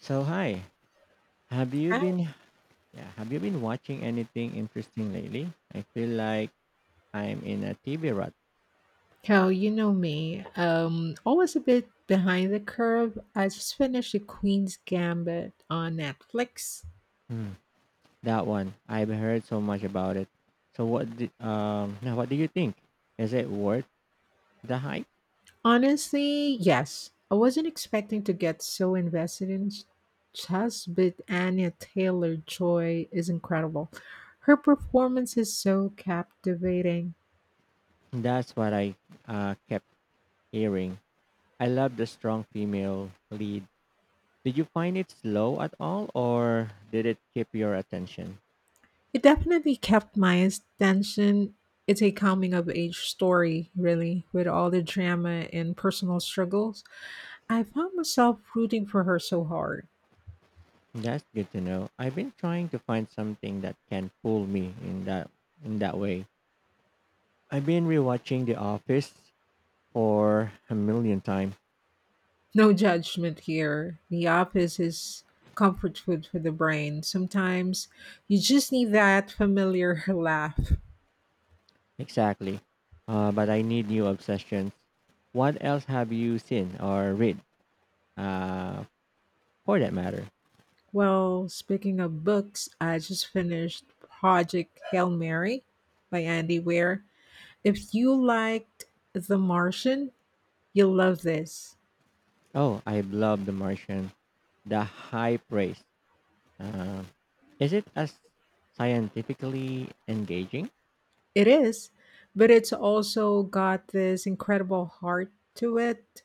So hi, have you Hi, been yeah, have you been watching anything interesting lately? I feel like I'm in a TV rut. Kel. You know me. Always a bit behind the curve. I just finished The Queen's Gambit on Netflix. Hmm, that one. I've heard so much about it. So what did now what do you think? Is it worth the hype? Honestly, yes. I wasn't expecting to get so invested in chess, but Anya Taylor Joy is incredible. Her performance is so captivating. That's what I kept hearing. I love the strong female lead. Did you find it slow at all or did it keep your attention? It definitely kept my attention. It's a coming of age story, really, with all the drama and personal struggles. I found myself rooting for her so hard. That's good to know. I've been trying to find something that can pull me in that way. I've been rewatching The Office for a million times. No judgment here. The office is comfort food for the brain. Sometimes you just need that familiar laugh. Exactly. But I need new obsessions. What else have you seen or read? Uh, for that matter. Well, speaking of books, I just finished Project Hail Mary by Andy Weir. If you liked The Martian, you'll love this. Oh, I love The Martian. The high praise. Uh, is it as scientifically engaging? It is, but it's also got this incredible heart to it.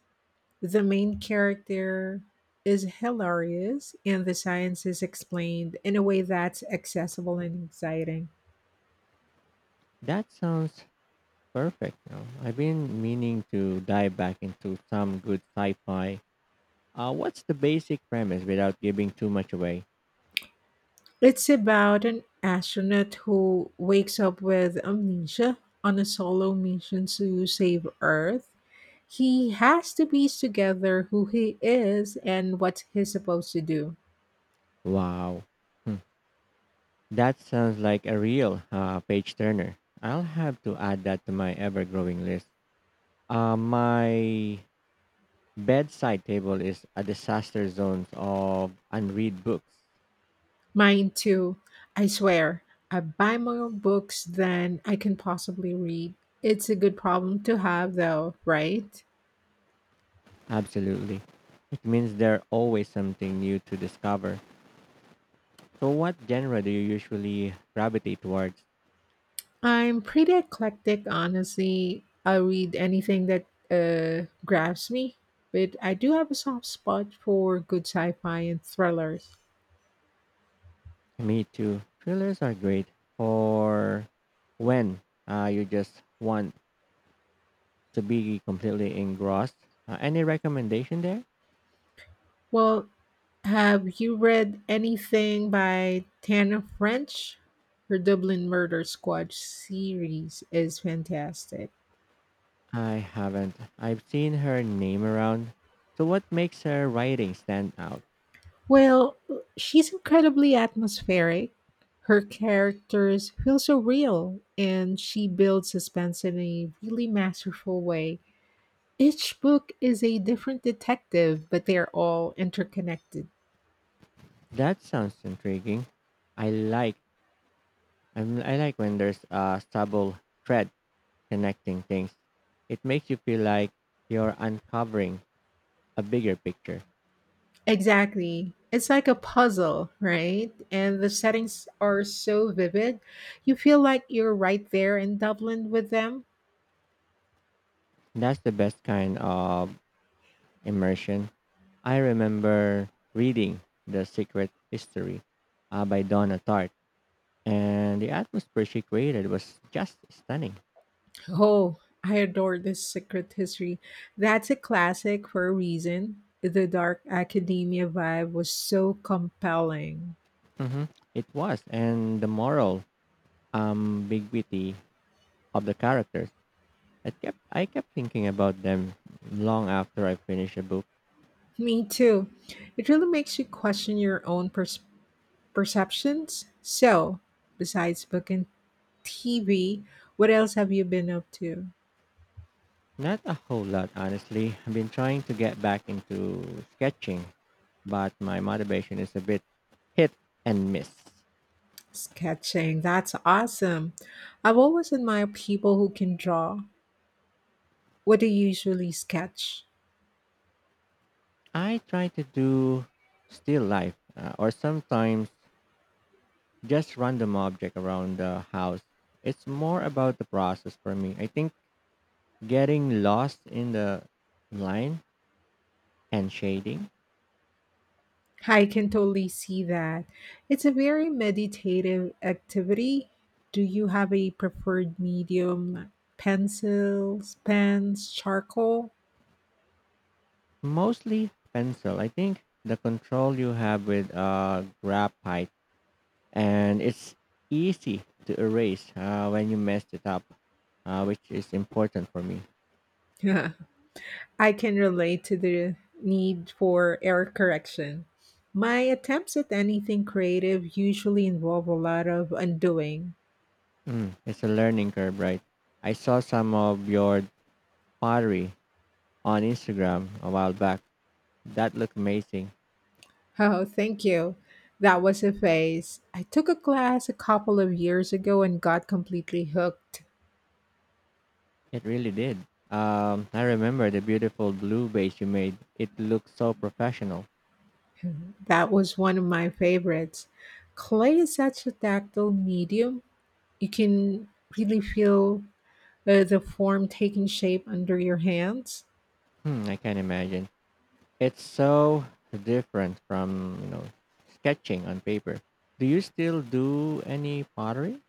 The main character is hilarious and the science is explained in a way that's accessible and exciting. That sounds perfect. I've been meaning to dive back into some good sci-fi. What's the basic premise without giving too much away? It's about an astronaut who wakes up with amnesia on a solo mission to save Earth. He has to piece together who he is and what he's supposed to do. Wow. Hmm. That sounds like a real page turner. I'll have to add that to my ever growing list. My bedside table is a disaster zone of unread books. Mine too. I swear, I buy more books than I can possibly read. It's a good problem to have, though, right? Absolutely. It means there's always something new to discover. So, what genre do you usually gravitate towards? I'm pretty eclectic, honestly. I'll read anything that grabs me, but I do have a soft spot for good sci fi and thrillers. Me too. Thrillers are great for when you just want to be completely engrossed. Any recommendation there? Well, have you read anything by Tana French? Her Dublin Murder Squad series is fantastic. I haven't. I've seen her name around. So, what makes her writing stand out? Well, she's incredibly atmospheric. Her characters feel so real, and she builds suspense in a really masterful way. Each book is a different detective, but they're all interconnected. That sounds intriguing. I like. I like when there's a subtle thread connecting things. It makes you feel like you're uncovering a bigger picture. Exactly. It's like a puzzle, right? And the settings are so vivid. You feel like you're right there in Dublin with them. That's the best kind of immersion. I remember reading *The Secret History* by Donna Tartt, and the atmosphere she created was just stunning. Oh, I adore this secret history. That's a classic for a reason. The dark academia vibe was so compelling. Hmm. It was, and the moral ambiguity of the characters. I kept thinking about them long after I finished the book. Me too. It really makes you question your own perceptions. So, besides book and TV, what else have you been up to? Not a whole lot, honestly. I've been trying to get back into sketching, but my motivation is a bit hit and miss. Sketching. That's awesome. I've always admired people who can draw. What do you usually sketch? I try to do still life, or sometimes just random object around the house. It's more about the process for me. I think getting lost in the line and shading I can totally see that. It's a very meditative activity. Do you have a preferred medium? Pencils, pens, charcoal? mostly pencil. I think the control you have with graphite and it's easy to erase when you messed it up, which is important for me. I can relate to the need for error correction. My attempts at anything creative usually involve a lot of undoing. Mm, it's a learning curve, right? I saw some of your pottery on Instagram a while back. That looked amazing. Oh, thank you. That was a phase. I took a class a couple of years ago and got completely hooked. It really did. I remember the beautiful blue base you made. It looked so professional. That was one of my favorites. Clay is such a tactile medium. You can really feel the form taking shape under your hands. Hmm, I can imagine. It's so different from, you know, sketching on paper. Do you still do any pottery?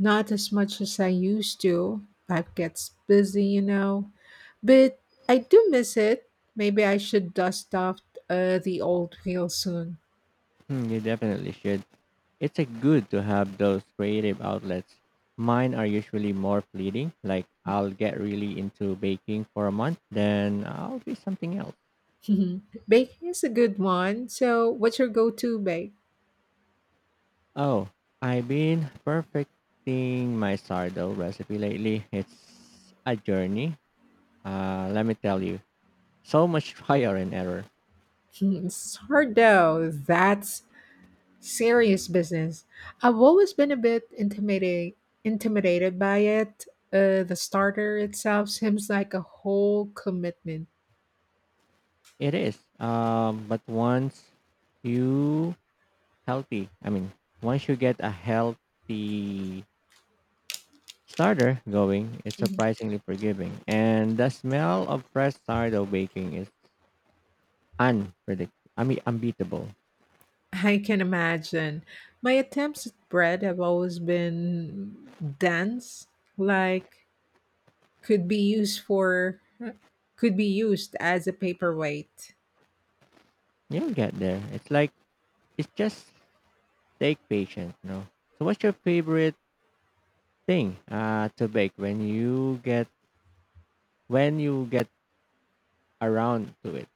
Not as much as I used to. Life gets busy, you know. But I do miss it. Maybe I should dust off the old wheel soon. Hmm, you definitely should. It's a good to have those creative outlets. Mine are usually more fleeting, like I'll get really into baking for a month, then I'll do something else. Baking is a good one. So, what's your go to bake? Oh, I've been perfecting my sourdough recipe lately. It's a journey. Let me tell you, so much trial and error. It's hard though. That's serious business. I've always been a bit intimidated by it. The starter itself seems like a whole commitment. It is. But you healthy, I mean, once you get a healthy starter going, it's surprisingly forgiving. And the smell of fresh sourdough baking is unbeatable. I can imagine. My attempts at bread have always been dense, like could be used for could be used as a paperweight. You'll get there. It's just take patience, no? So, what's your favorite thing to bake when you get around to it?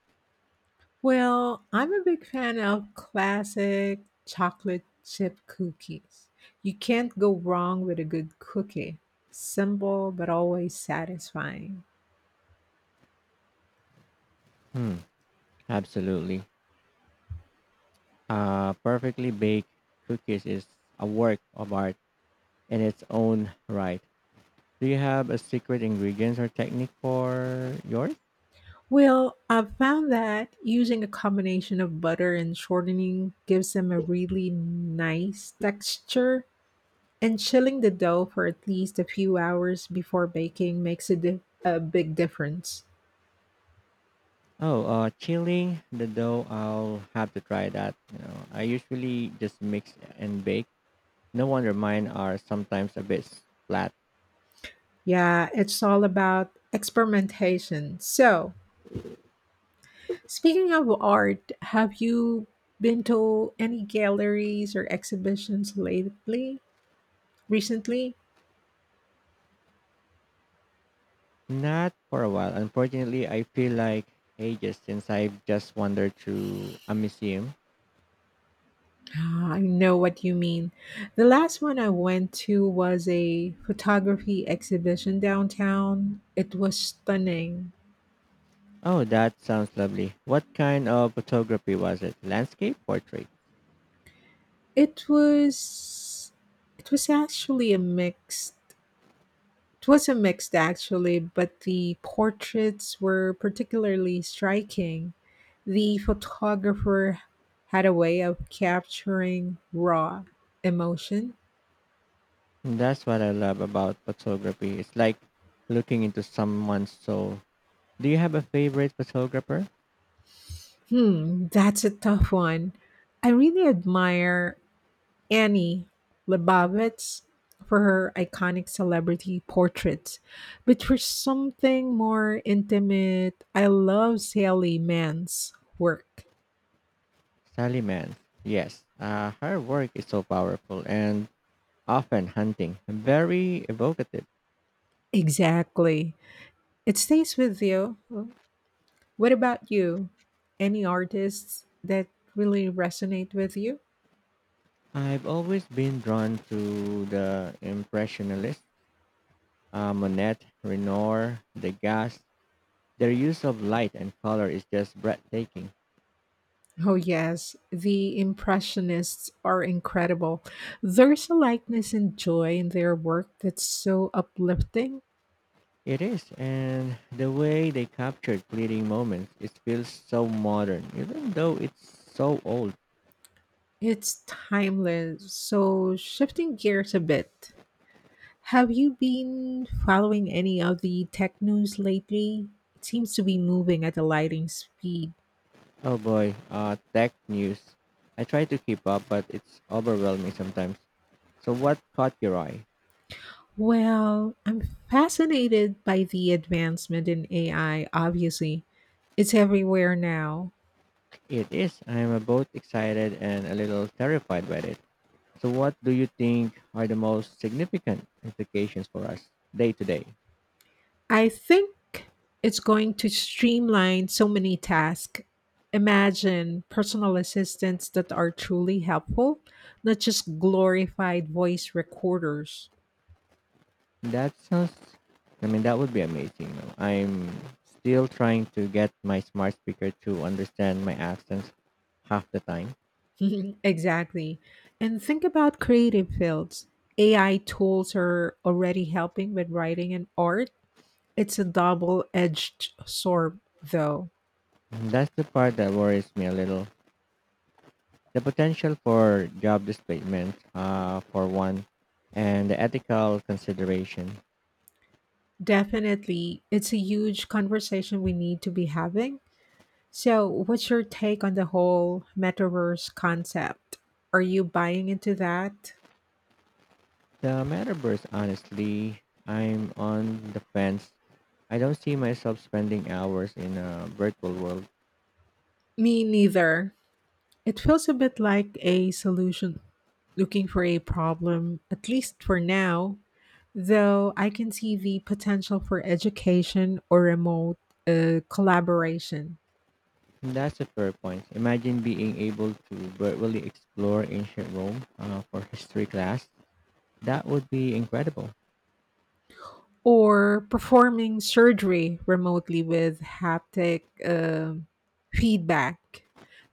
Well, I'm a big fan of classic chocolate chip cookies. You can't go wrong with a good cookie. Simple but always satisfying. Hmm, absolutely. Perfectly baked cookies is a work of art in its own right. Do you have a secret ingredients or technique for yours? Well, I've found that using a combination of butter and shortening gives them a really nice texture. And chilling the dough for at least a few hours before baking makes a big difference. Oh, chilling the dough. I'll have to try that. You know, I usually just mix and bake. No wonder mine are sometimes a bit flat. Yeah, it's all about experimentation. So, speaking of art, have you been to any galleries or exhibitions lately? Recently? Not for a while. Unfortunately, I feel like ages since I've just wandered through a museum. Ah, I know what you mean. The last one I went to was a photography exhibition downtown. It was stunning. Oh, that sounds lovely. What kind of photography was it? Landscape, portrait? It was it was actually a mixed it was a mixed actually, but the portraits were particularly striking. The photographer had a way of capturing raw emotion. That's what I love about photography. It's like looking into someone's soul. Do you have a favorite photographer? Hmm, that's a tough one. I really admire Annie Leibovitz for her iconic celebrity portraits. But for something more intimate, I love Sally Mann's work. Sally Mann. Yes. Her work is so powerful and often hunting, very evocative. Exactly. It stays with you. What about you? Any artists that really resonate with you? I've always been drawn to the Impressionists, Monet, Renoir, Degas. Their use of light and color is just breathtaking. Oh, yes. The Impressionists are incredible. There's a lightness and joy in their work that's so uplifting. It is, and the way they captured fleeting moments, it feels so modern, even though it's so old. It's timeless. So, shifting gears a bit, have you been following any of the tech news lately? It seems to be moving at a lightning speed. Oh boy, tech news. I try to keep up, but it's overwhelming sometimes. So what caught your eye? Well, I'm fascinated by the advancement in AI, obviously. It's everywhere now. It is. I am both excited and a little terrified by it. So what do you think are the most significant implications for us day to day? I think it's going to streamline so many tasks. Imagine personal assistants that are truly helpful, not just glorified voice recorders. That sounds, that would be amazing. Though, I'm still trying to get my smart speaker to understand my accents half the time. Exactly. And think about creative fields. AI tools are already helping with writing and art. It's a double edged sword, though. That's the part that worries me a little. The potential for job displacement, for one, and the ethical consideration. Definitely, it's a huge conversation we need to be having. So, what's your take on the whole metaverse concept? Are you buying into that? The metaverse, honestly, I'm on the fence. I don't see myself spending hours in a virtual world. Me neither. It feels a bit like a solution looking for a problem, at least for now, though I can see the potential for education or remote collaboration. That's a fair point. Imagine being able to virtually explore ancient Rome for history class. That would be incredible. Or performing surgery remotely with haptic feedback.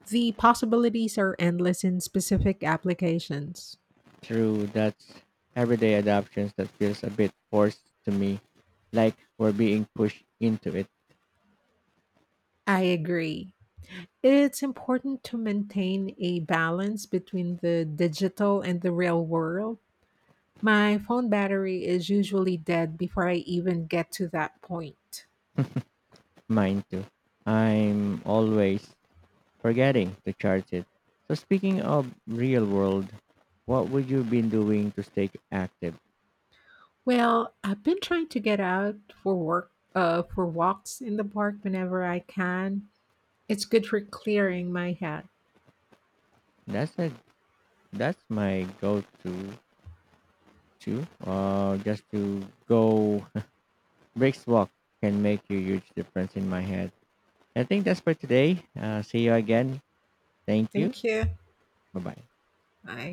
The possibilities are endless in specific applications. True, that's everyday adoptions that feels a bit forced to me, like we're being pushed into it. I agree. It's important to maintain a balance between the digital and the real world. My phone battery is usually dead before I even get to that point. Mine too. I'm always forgetting to charge it. So speaking of real world, what would you be doing to stay active? Well, I've been trying to get out for walks in the park whenever I can. It's good for clearing my head. That's a that's my go-to too. Just to go Brick's walk can make a huge difference in my head. I think that's for today. See you again. Thank you. Thank you. Bye bye. Bye.